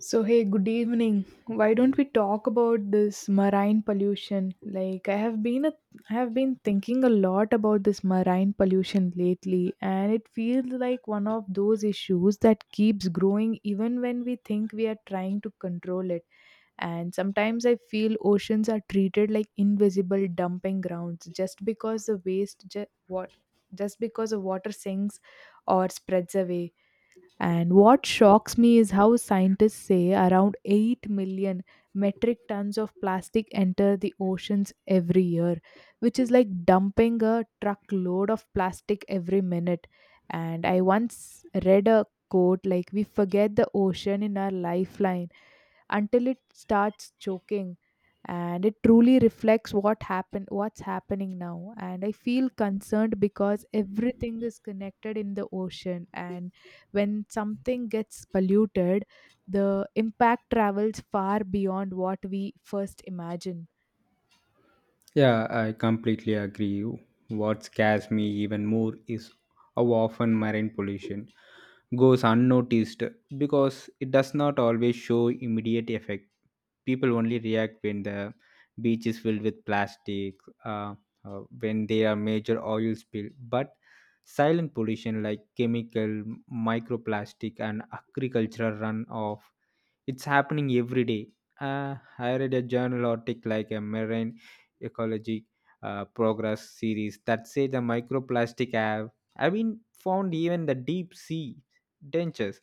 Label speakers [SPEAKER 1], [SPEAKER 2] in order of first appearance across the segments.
[SPEAKER 1] So, hey, good evening. Why don't we talk about this marine pollution? I have been thinking a lot about this marine pollution lately, and it feels like one of those issues that keeps growing even when we think we are trying to control it. And sometimes I feel oceans are treated like invisible dumping grounds just because the waste ju- what just because the water sinks or spreads away. And what shocks me is how scientists say around 8 million metric tons of plastic enter the oceans every year, which is like dumping a truckload of plastic every minute. And I once read a quote like, "We forget the ocean in our lifeline until it starts choking," and it truly reflects what's happening now. And I feel concerned because everything is connected in the ocean, and when something gets polluted, the impact travels far beyond what we first imagine.
[SPEAKER 2] Yeah, I completely agree. What scares me even more is how often marine pollution goes unnoticed because it does not always show immediate effect. People only react when the beach is filled with plastic, uh, when there are major oil spill. But silent pollution like chemical, microplastic, and agricultural runoff it's happening every day. I read a journal article like a marine ecology progress series that say the microplastic have been found even the deep sea dentures,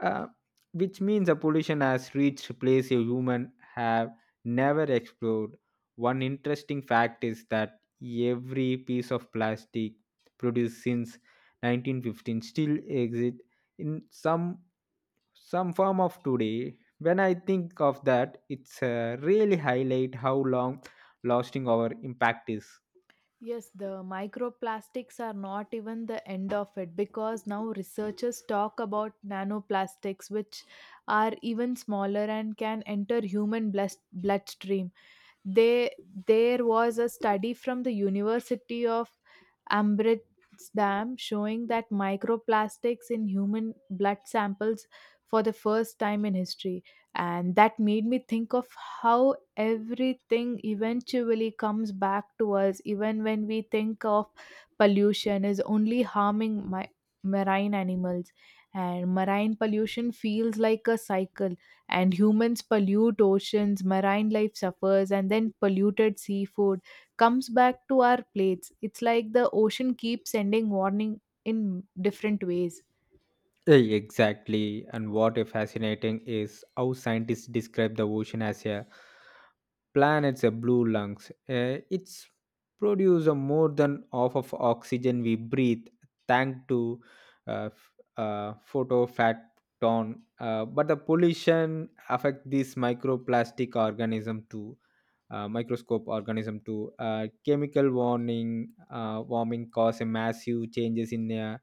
[SPEAKER 2] uh, which means the pollution has reached place a human have never explored. One interesting fact is that every piece of plastic produced since 1915 still exist in some form of today when I think of that it's really highlight how long lasting our impact is.
[SPEAKER 1] Yes, the microplastics are not even the end of it because now researchers talk about nanoplastics, which are even smaller and can enter human blood bloodstream. They, there was a study from the University of Amsterdam showing that microplastics in human blood samples for the first time in history. And that made me think of how everything eventually comes back to us, even when we think of pollution is only harming marine animals. And marine pollution feels like a cycle, and humans pollute oceans, marine life suffers, and then polluted seafood comes back to our plates. It's like the ocean keeps sending warning in different ways.
[SPEAKER 2] Exactly. And what is fascinating is how scientists describe the ocean as a planet's a blue lungs. It's produce a more than half of oxygen we breathe thanks to photophaton. But the pollution affect these microplastic organism too. Microscope organism too. Chemical warning, warming cause a massive changes in uh,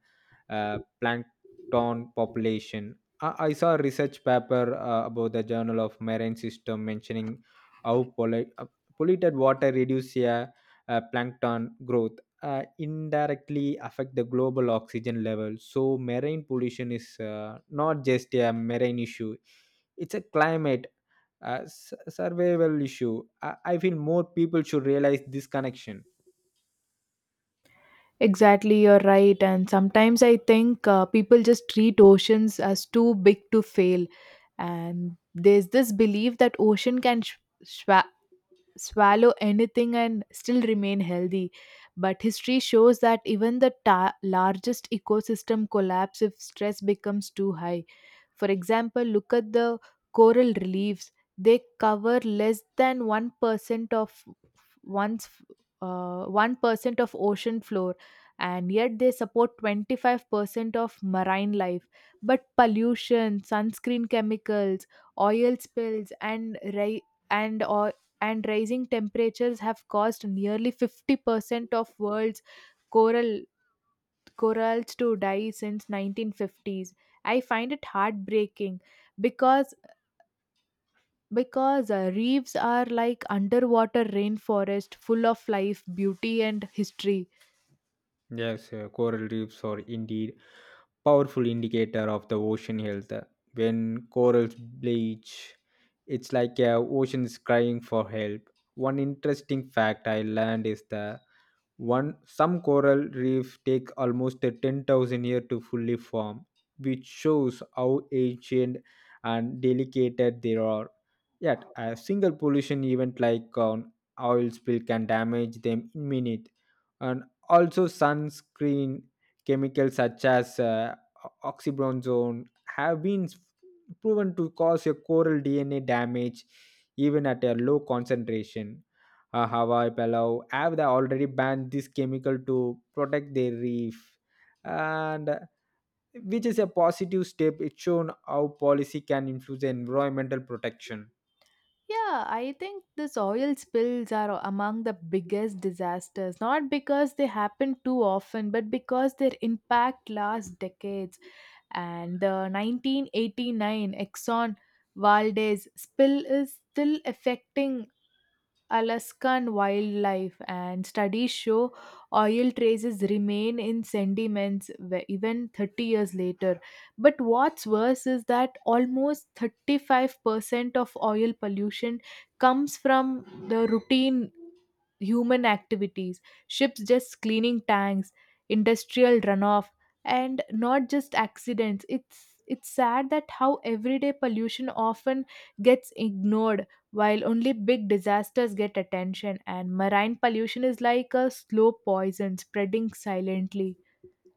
[SPEAKER 2] uh, plankton town population. I saw a research paper about the Journal of Marine System mentioning how polluted water reduces plankton growth, indirectly affect the global oxygen level. So marine pollution is not just a marine issue; it's a climate. Survival issue. I feel more people should realize this connection.
[SPEAKER 1] Exactly, you're right. And sometimes I think people just treat oceans as too big to fail. And there's this belief that ocean can sh- swallow anything and still remain healthy. But history shows that even the largest ecosystem collapse if stress becomes too high. For example, look at the coral reliefs. They cover less than 1% of one's uh, 1% of ocean floor, and yet they support 25% of marine life. But pollution, sunscreen chemicals, oil spills and ri- and or and rising temperatures have caused nearly 50% of world's coral corals to die since 1950s. I find it heartbreaking because because reefs are like underwater rainforest, full of life, beauty, and history.
[SPEAKER 2] Yes, coral reefs are indeed powerful indicator of the ocean health. When corals bleach, it's like a ocean is crying for help. One interesting fact I learned is the one, some coral reefs take almost a 10,000 years to fully form, which shows how ancient and delicate they are. Yet, a single pollution event like an oil spill can damage them in minutes. And also, sunscreen chemicals such as oxybenzone have been proven to cause a coral DNA damage even at a low concentration. Hawaii, Palau have they already banned this chemical to protect their reef, and which is a positive step. It's shown how policy can influence environmental protection.
[SPEAKER 1] Yeah, I think this oil spills are among the biggest disasters, not because they happen too often, but because their impact lasts decades. And the 1989 Exxon Valdez spill is still affecting Alaskan wildlife, and studies show oil traces remain in sediments even 30 years later. But what's worse is that almost 35% of oil pollution comes from the routine human activities, ships just cleaning tanks, industrial runoff, and not just accidents. It's sad that how everyday pollution often gets ignored while only big disasters get attention. And marine pollution is like a slow poison spreading silently.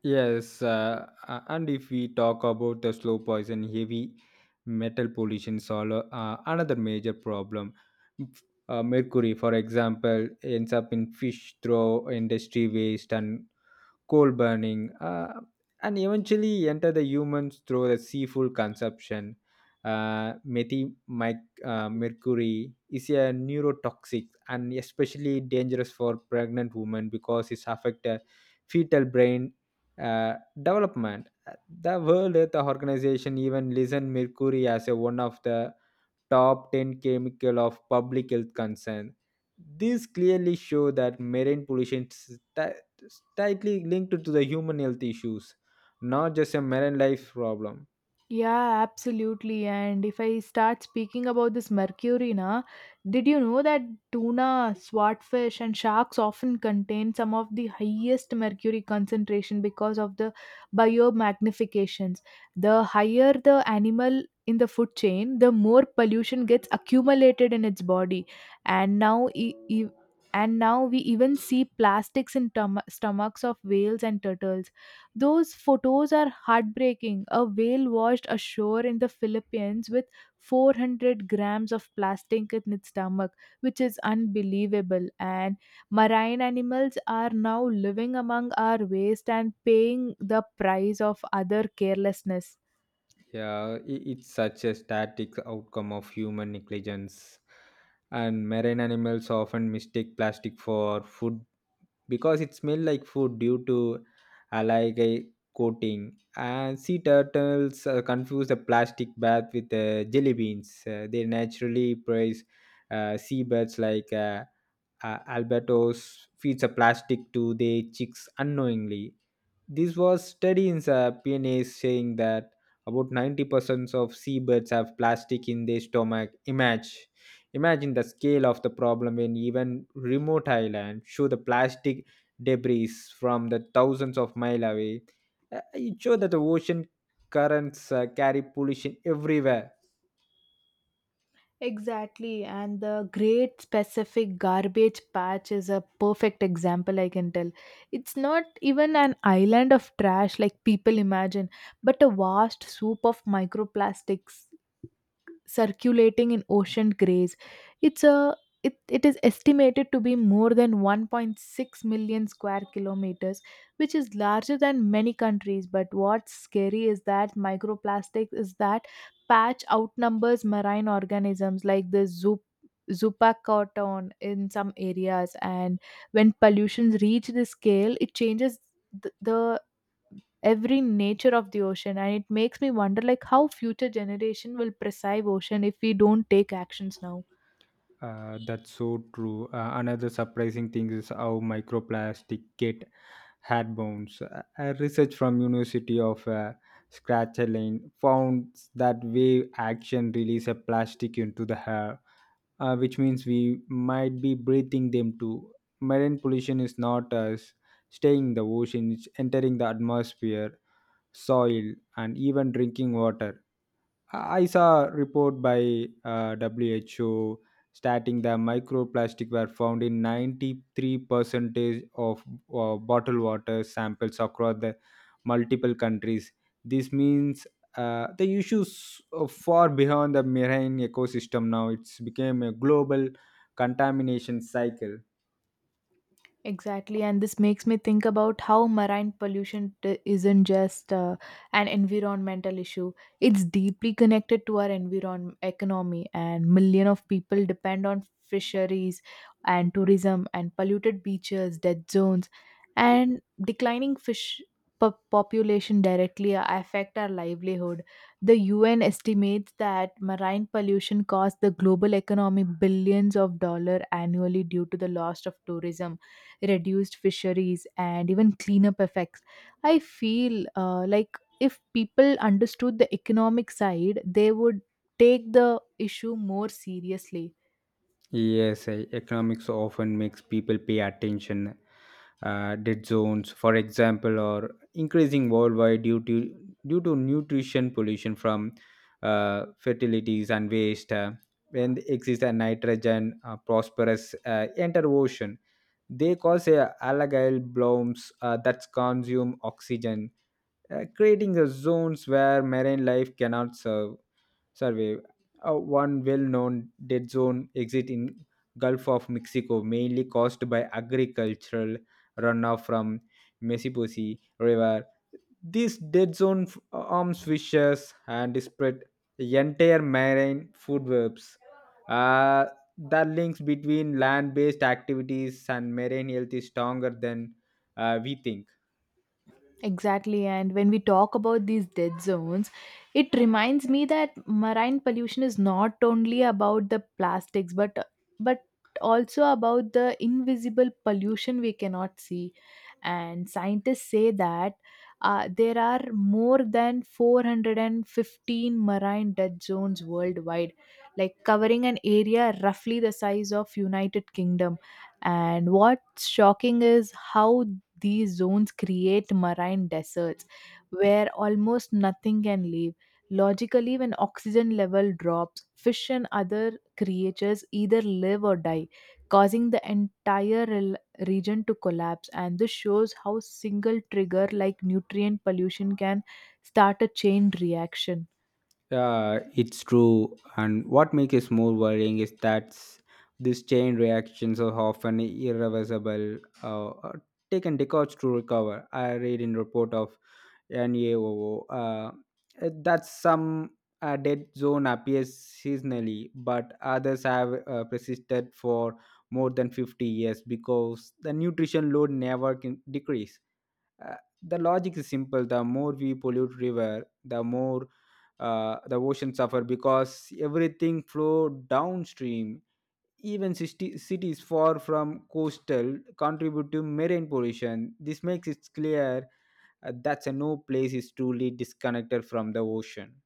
[SPEAKER 2] Yes, and if we talk about the slow poison, heavy metal pollution is all, another major problem. F- Mercury, for example, ends up in fish through industry waste and coal burning, and eventually enter the humans through the seafood consumption. Mercury is a neurotoxic and especially dangerous for pregnant women because it affects fetal brain uh, development. The World Health Organization even listed mercury as a one of the top 10 chemical of public health concern. These clearly show that marine pollution is tightly linked to the human health issues, not just a marine life problem.
[SPEAKER 1] Yeah, absolutely. And if I start speaking about this mercury, na, did you know that tuna, swordfish, and sharks often contain some of the highest mercury concentration because of the biomagnifications? The higher the animal in the food chain, the more pollution gets accumulated in its body. And now we even see plastics in stomachs of whales and turtles. Those photos are heartbreaking. A whale washed ashore in the Philippines with 400 grams of plastic in its stomach, which is unbelievable. And marine animals are now living among our waste and paying the price of other carelessness.
[SPEAKER 2] Yeah, it's such a static outcome of human negligence. And marine animals often mistake plastic for food because it smell like food due to algae coating and sea turtles confuse the plastic bath with jelly beans they naturally praise seabirds like albatros feeds a plastic to their chicks unknowingly. This was study in the PNA saying that about 90% of seabirds have plastic in their stomach. Image. Imagine the scale of the problem in even remote island show the plastic debris from the thousands of mile away. It show that the ocean currents carry pollution everywhere.
[SPEAKER 1] Exactly, and the Great Pacific Garbage Patch is a perfect example, I can tell. It's not even an island of trash like people imagine, but a vast soup of microplastics circulating in ocean grays. It's a it is estimated to be more than 1.6 million square kilometers, which is larger than many countries. But what's scary is that microplastics is that patch outnumbers marine organisms like the zoo Zupacotton in some areas. And when pollutions reach this scale, it changes the every nature of the ocean. And it makes me wonder, like, how future generation will preserve ocean if we don't take actions now.
[SPEAKER 2] That's so true. Another surprising thing is how microplastic get had bones. A research from University of Scratchelane found that wave action release a plastic into the air, which means we might be breathing them too. Marine pollution is not us staying in the ocean; it's entering the atmosphere, soil, and even drinking water. I saw a report by WHO stating that microplastic were found in 93 percentage of bottled water samples across the multiple countries. This means the issues far beyond the marine ecosystem now. It's became a global contamination cycle.
[SPEAKER 1] Exactly, and this makes me think about how marine pollution isn't just an environmental issue. It's deeply connected to our environment, economy, and million of people depend on fisheries and tourism. And polluted beaches, dead zones, and declining population directly affect our livelihood. The UN estimates that marine pollution costs the global economy billions of dollars annually due to the loss of tourism, reduced fisheries, and even cleanup effects. I feel like if people understood the economic side, they would take the issue more seriously.
[SPEAKER 2] Yes, economics often makes people pay attention. Dead zones, for example, are increasing worldwide due to nutrition pollution from fertilities and waste. When the excess and nitrogen phosphorus enter ocean, they cause algal blooms that consume oxygen, creating zones where marine life cannot survive survey. One well-known dead zone exit in Gulf of Mexico, mainly caused by agricultural runoff from Mississippi River. This dead zone arms fishes and spread the entire marine food webs. Uh, the links between land-based activities and marine health is stronger than we think.
[SPEAKER 1] Exactly. And when we talk about these dead zones, it reminds me that marine pollution is not only about the plastics, but also about the invisible pollution we cannot see. And scientists say that there are more than 415 marine dead zones worldwide, like covering an area roughly the size of United Kingdom. And what's shocking is how these zones create marine deserts where almost nothing can live. Logically, when oxygen level drops, fish and other creatures either live or die, causing the entire region to collapse. And this shows how single trigger like nutrient pollution can start a chain reaction.
[SPEAKER 2] Yeah, it's true. And what makes it more worrying is that these chain reactions are often irreversible, taken decades to recover. I read in report of NAOO that some dead zone appears seasonally, but others have persisted for more than 50 years because the nutrition load never can decrease. Uh, the logic is simple the more we pollute river the more the ocean suffer because everything flow downstream even cities far from coastal contribute to marine pollution this makes it clear that no place is truly disconnected from the ocean.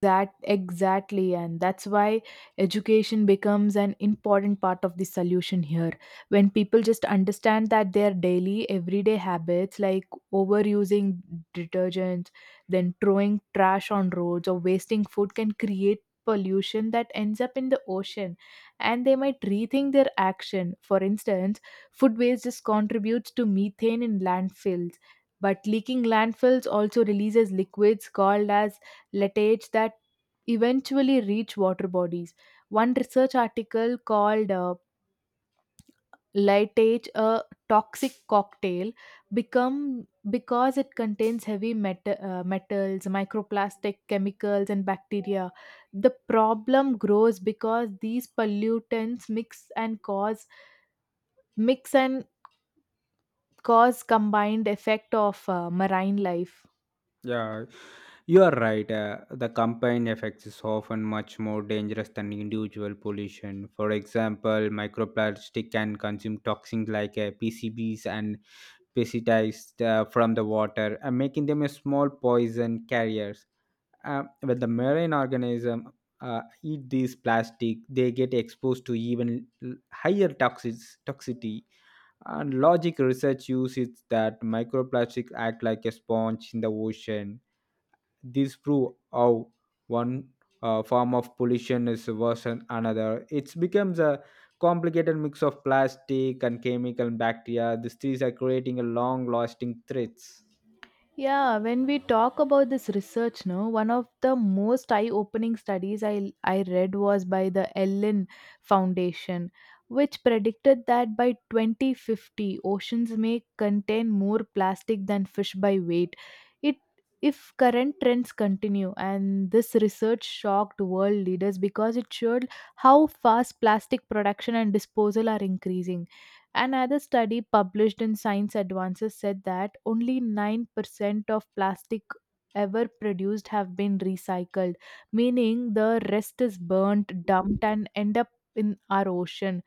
[SPEAKER 1] That exactly, and that's why education becomes an important part of the solution here. When people just understand that their daily, everyday habits like overusing detergents, then throwing trash on roads, or wasting food can create pollution that ends up in the ocean, and they might rethink their action. For instance, food waste just contributes to methane in landfills. But leaking landfills also releases liquids called as lettages that eventually reach water bodies. One research article called Letage a toxic cocktail become because it contains metals, microplastic chemicals, and bacteria. The problem grows because these pollutants mix and cause combined effect of marine life.
[SPEAKER 2] Yeah. You are right. The combined effects is often much more dangerous than individual pollution. For example, microplastic can consume toxins like PCBs and pesticides from the water, making them a small poison carriers. When the marine organism eat these plastic, they get exposed to even higher toxicity. And logic research uses that microplastic act like a sponge in the ocean this prove how one form of pollution is worse than another. It becomes a complicated mix of plastic and chemical and bacteria. These trees are creating a long lasting threats.
[SPEAKER 1] Yeah, when we talk about this research, no, one of the most eye-opening studies I read was by the Ellen Foundation, which predicted that by 2050, oceans may contain more plastic than fish by weight. It If current trends continue, and this research shocked world leaders because it showed how fast plastic production and disposal are increasing. Another study published in Science Advances said that only 9% of plastic ever produced have been recycled, meaning the rest is burnt, dumped, and end up in our ocean.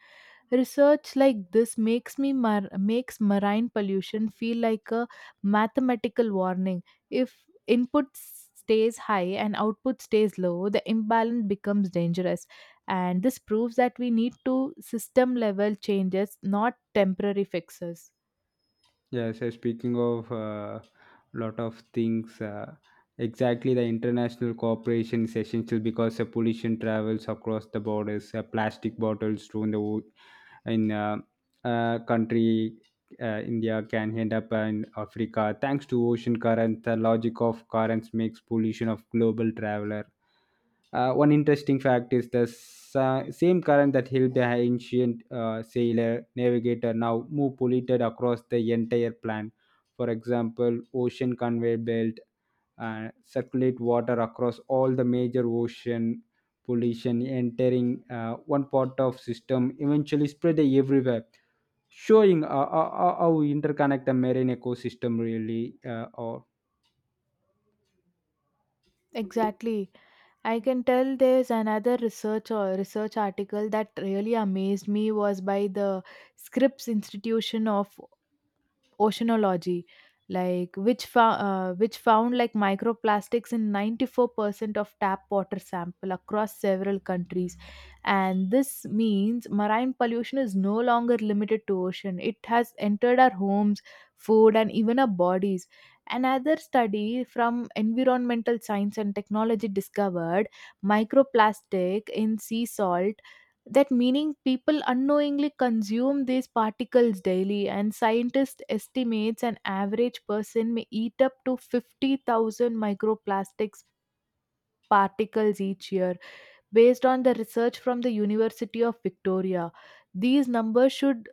[SPEAKER 1] Research like this makes marine pollution feel like a mathematical warning. If stays high and output stays low, the imbalance becomes dangerous. And this proves that we need to system level changes, not temporary fixes.
[SPEAKER 2] Yes, speaking of a lot of things, exactly the international cooperation is essential because the pollution travels across the borders. Plastic bottles thrown the wo- in country India can end up in Africa. Thanks to ocean currents, the logic of currents makes pollution of global traveler. One interesting fact is the same current that helped the ancient sailor navigator now move polluted across the entire planet. For example, ocean conveyor belt circulate water across all the major ocean pollution entering one part of system eventually spread everywhere showing how we interconnect the marine ecosystem really or.
[SPEAKER 1] Exactly. I can tell there's another research or research article that really amazed me was by the Scripps Institution of oceanology, like, which found like microplastics in 94% of tap water sample across several countries. And this means marine pollution is no longer limited to ocean; it has entered our homes, food, and even our bodies. Another study from environmental science and technology discovered microplastic in sea salt, that meaning people unknowingly consume these particles daily. And scientists estimates an average person may eat up to 50,000 microplastics particles each year, based on the research from the university of victoria. These numbers should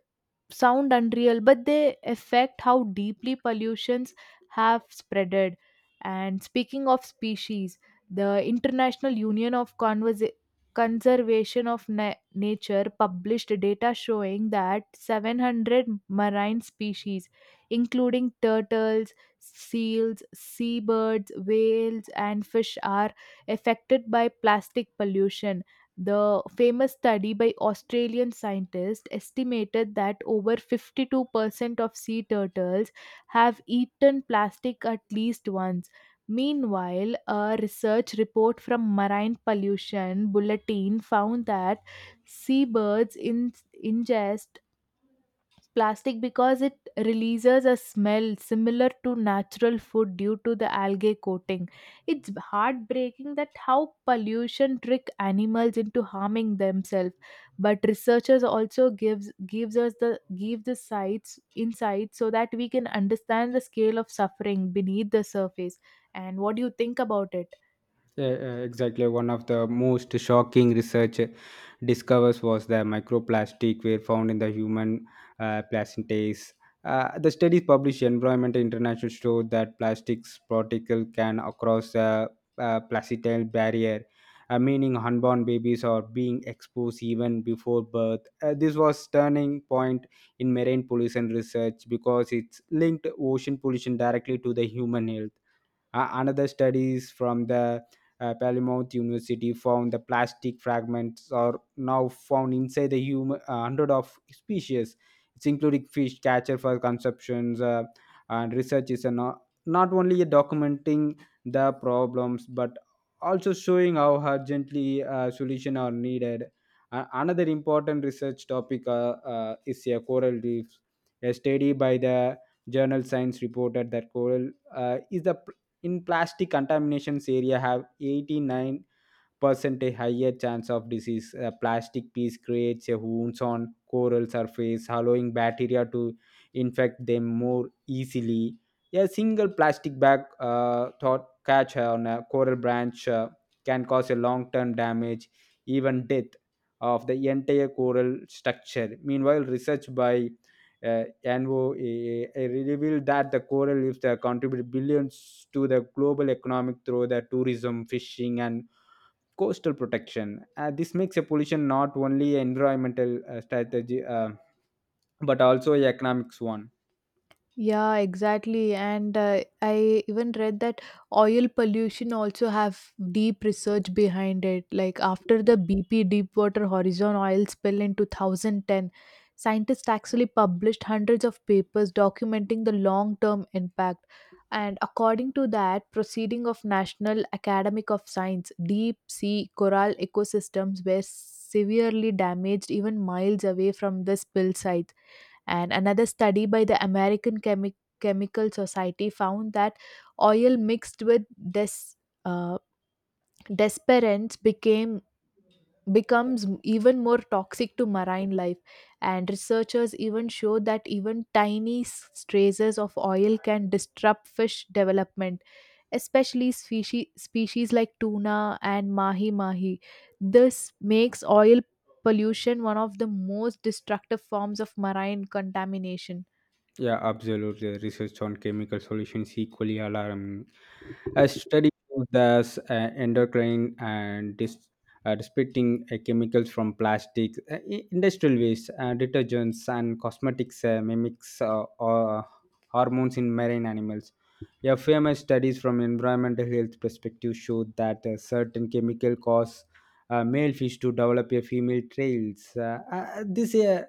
[SPEAKER 1] sound unreal, but they affect how deeply pollutions have spreaded. And speaking of species, the International Union of Conservation of Nature published data showing that 700 marine species, including turtles, seals, seabirds, whales, and fish, are affected by plastic pollution. The famous study by Australian scientists estimated that over 52% of sea turtles have eaten plastic at least once. Meanwhile, a research report from Marine Pollution Bulletin found that seabirds ingest plastic because it releases a smell similar to natural food due to the algae coating. It's heartbreaking that how pollution trick animals into harming themselves. But researchers also gives gives us the give the sites insights so that we can understand the scale of suffering beneath the surface. And what do you think about it?
[SPEAKER 2] Exactly one of the most shocking research discovers was that microplastic were found in the human placentas. The studies published in environment international showed that plastics particle can across the placental barrier meaning unborn babies are being exposed even before birth. This was turning point in marine pollution research because it's linked ocean pollution directly to the human health. Another studies from the Plymouth University found the plastic fragments are now found inside the human hundred of species. It's including fish catcher for consumptions and research is a not only a documenting the problems but also showing how urgently solution are needed. Another important research topic is a coral reefs. A study by the journal Science reported that coral is the in plastic contaminations area have 89% a higher chance of disease. A plastic piece creates a wounds on coral surface, allowing bacteria to infect them more easily. A single plastic bag thought catch on a coral branch can cause a long-term damage, even death of the entire coral structure. Meanwhile, research by NOAA revealed that the coral reefs contribute billions to the global economic through the tourism, fishing, and coastal protection. This makes a pollution not only an environmental strategy but also an economics one.
[SPEAKER 1] Yeah, exactly. And I even read that oil pollution also have deep research behind it. Like after the BP Deepwater Horizon oil spill in 2010, scientists actually published hundreds of papers documenting the long-term impact. And according to that, proceeding of National Academic of Science, deep sea coral ecosystems were severely damaged even miles away from the spill site and another study by the American Chemical Society found that oil mixed with des- uh, desperants became becomes even more toxic to marine life, and researchers even show that even tiny traces of oil can disrupt fish development, especially species like tuna and mahi mahi. This makes oil pollution one of the most destructive forms of marine contamination.
[SPEAKER 2] Yeah, absolutely. Research on chemical solutions equally alarming. A study shows that endocrine and dispersing chemicals from plastics, industrial waste, detergents, and cosmetics mimics hormones in marine animals. Yeah, famous studies from environmental health perspective showed that certain chemical cause male fish to develop a female trails. This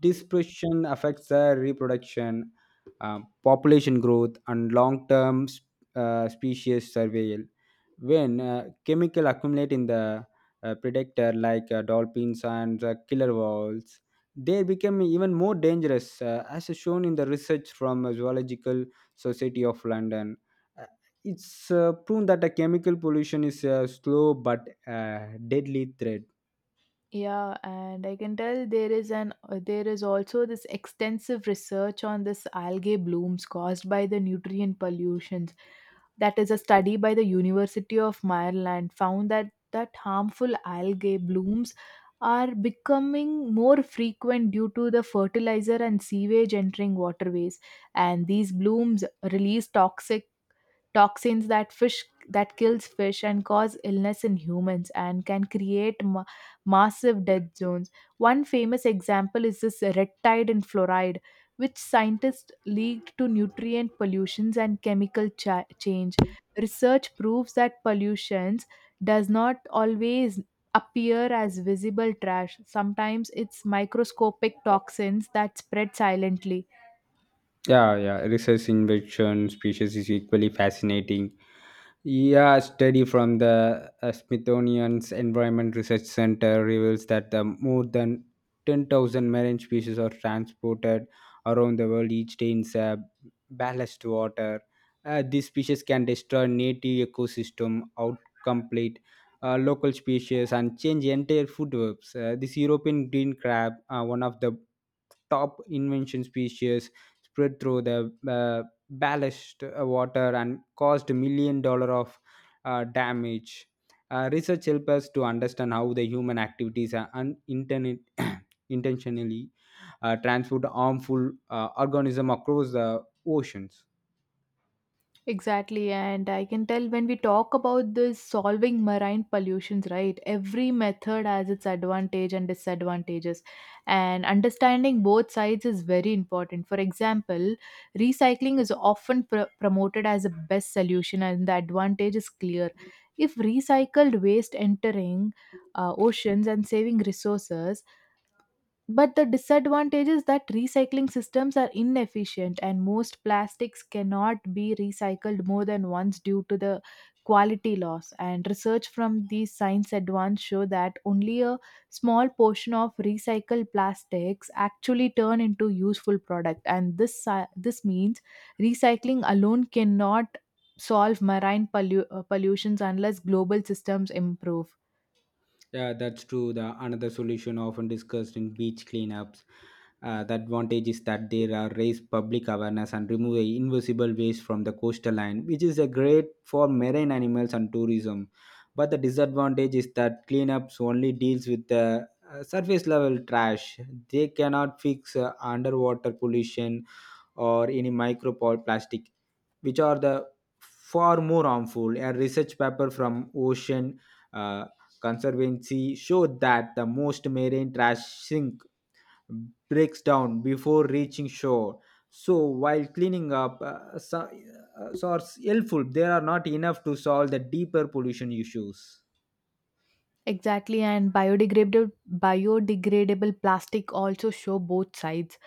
[SPEAKER 2] Dispersion affects the reproduction, population growth, and long term species survival. When chemical accumulate in the predator like dolphins and killer whales, they become even more dangerous, as is shown in the research from Zoological Society of London. Uh, It's proven that a chemical pollution is a slow but deadly threat.
[SPEAKER 1] Yeah, and I can tell there is an there is also this extensive research on this algae blooms caused by the nutrient pollutions. That is a study by the University of Maryland found that harmful algae blooms are becoming more frequent due to the fertilizer and sewage entering waterways, and these blooms release toxic toxins that kills fish and cause illness in humans, and can create massive death zones. One famous example is this red tide in fluoride, which scientists linked to nutrient pollutions and chemical change. Research proves that pollutions does not always appear as visible trash. Sometimes it's microscopic toxins that spread silently.
[SPEAKER 2] Yeah, yeah. Research in inversion species is equally fascinating. Yeah, a study from the Smithsonian's Environment Research Center reveals that the more than 10,000 marine species are transported around the world each day in ballast water. These species can destroy native ecosystem, outcompete local species, and change entire food webs. This European green crab, one of the top invention species, spread through the ballasted water and caused million dollars of damage. Research helps us to understand how the human activities are intentionally transport harmful organism across the oceans.
[SPEAKER 1] Exactly, and I can tell when we talk about this solving marine pollutions, right? Every method has its advantage and disadvantages, and understanding both sides is very important. For example, recycling is often promoted as a best solution, and the advantage is clear. If recycled waste entering oceans and saving resources, but the disadvantage is that recycling systems are inefficient and most plastics cannot be recycled more than once due to the quality loss. And research from these science advance show that only a small portion of recycled plastics actually turn into useful product. And this means recycling alone cannot solve marine pollutions unless global systems improve.
[SPEAKER 2] Yeah, that's true. The another solution often discussed in beach cleanups. The advantage is that there are raised public awareness and remove the invisible waste from the coastal line, which is a great for marine animals and tourism. But the disadvantage is that cleanups only deals with the surface level trash. They cannot fix underwater pollution or any microplastic, which are the far more harmful. A research paper from Ocean. Uh, Conservancy showed that the most marine trash sink breaks down before reaching shore so while cleaning up source helpful they are not enough to solve the deeper pollution issues.
[SPEAKER 1] Exactly, and biodegradable plastic also show both sides.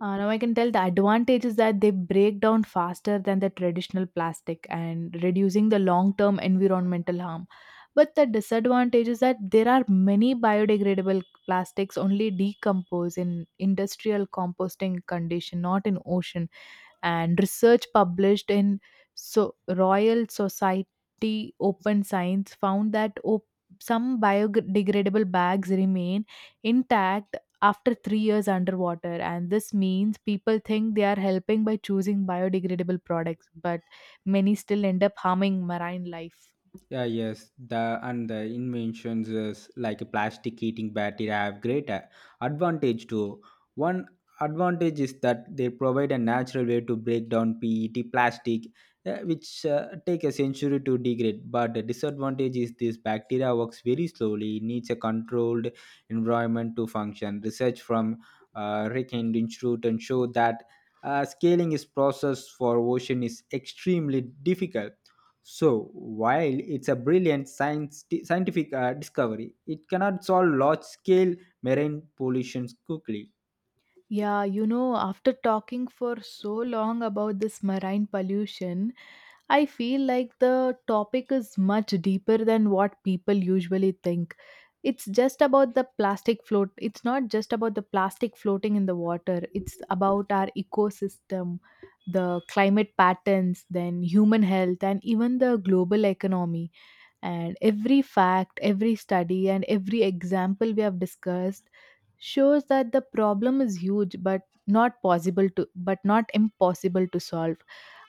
[SPEAKER 1] Now I can tell the advantage is that they break down faster than the traditional plastic and reducing the long-term environmental harm. But the disadvantage is that there are many biodegradable plastics only decompose in industrial composting condition, not in ocean, and research published in so Royal Society Open Science found that some biodegradable bags remain intact after 3 years underwater, and this means people think they are helping by choosing biodegradable products but many still end up harming marine life.
[SPEAKER 2] Yeah, yes, the inventions is like a plastic heating battery have great advantage too. One advantage is that they provide a natural way to break down PET plastic, which take a century to degrade. But the disadvantage is this bacteria works very slowly, needs a controlled environment to function. Research from Rick and Institute and show that scaling is process for ocean is extremely difficult so, while it's a brilliant science, scientific discovery, it cannot solve large scale marine pollutions quickly.
[SPEAKER 1] Yeah, you know, after talking for so long about this marine pollution, I feel like the topic is much deeper than what people usually think. It's not just about the plastic floating in the water. It's about our ecosystem, the climate patterns, then human health, and even the global economy. And every fact, every study, and every example we have discussed shows that the problem is huge, but not possible to, but not impossible to solve.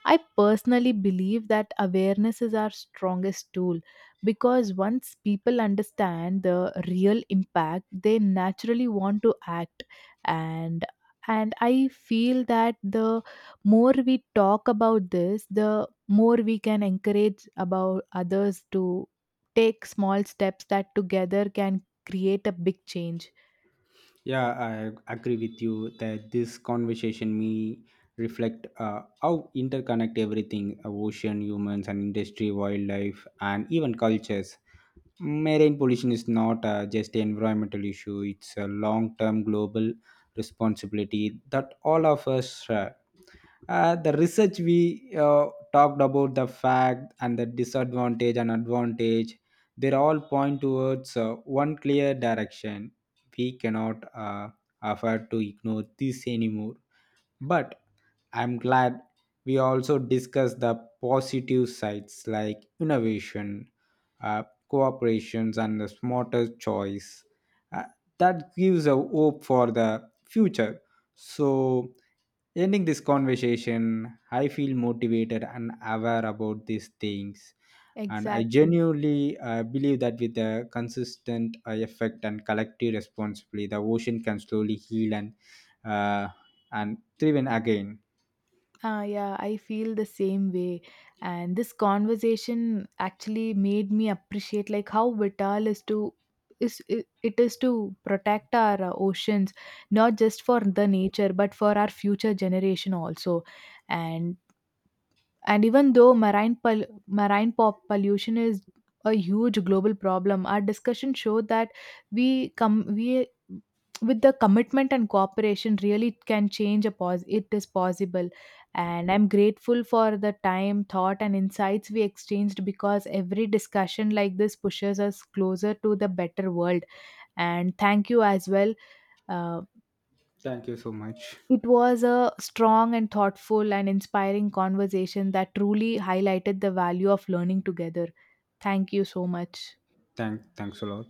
[SPEAKER 1] I personally believe that awareness is our strongest tool because once people understand the real impact, they naturally want to act. And and I feel that the more we talk about this, the more we can encourage about others to take small steps that together can create a big change.
[SPEAKER 2] Yeah, I agree with you that this conversation may reflect how interconnect everything ocean, humans, and industry, wildlife, and even cultures. Marine pollution is not just an environmental issue, it's a long term global responsibility that all of us share. The research we talked about the fact and the disadvantage and advantage they all point towards one clear direction we cannot afford to ignore this anymore but I'm glad we also discussed the positive sides like innovation, uh, cooperations, and the smarter choice. Uh, that gives a hope for the future. So, ending this conversation, I feel motivated and aware about these things. And I
[SPEAKER 1] Exactly.
[SPEAKER 2] genuinely believe that with a consistent effect and collective responsibility, the ocean can slowly heal and uh, and thrive in again.
[SPEAKER 1] Yeah, I feel the same way. And this conversation actually made me appreciate like how vital is to it is to protect our oceans, not just for the nature, but for our future generation also. And and even though marine pop pollution is a huge global problem, our discussion showed that we with the commitment and cooperation really can change a pos it is possible, and I'm grateful for the time, thought and insights we exchanged, because every discussion like this pushes us closer to the better world. And thank you as well. uh,
[SPEAKER 2] Thank you so much.
[SPEAKER 1] it was a strong and thoughtful and inspiring conversation that truly highlighted the value of learning together. Thank you so much.
[SPEAKER 2] Thanks a lot.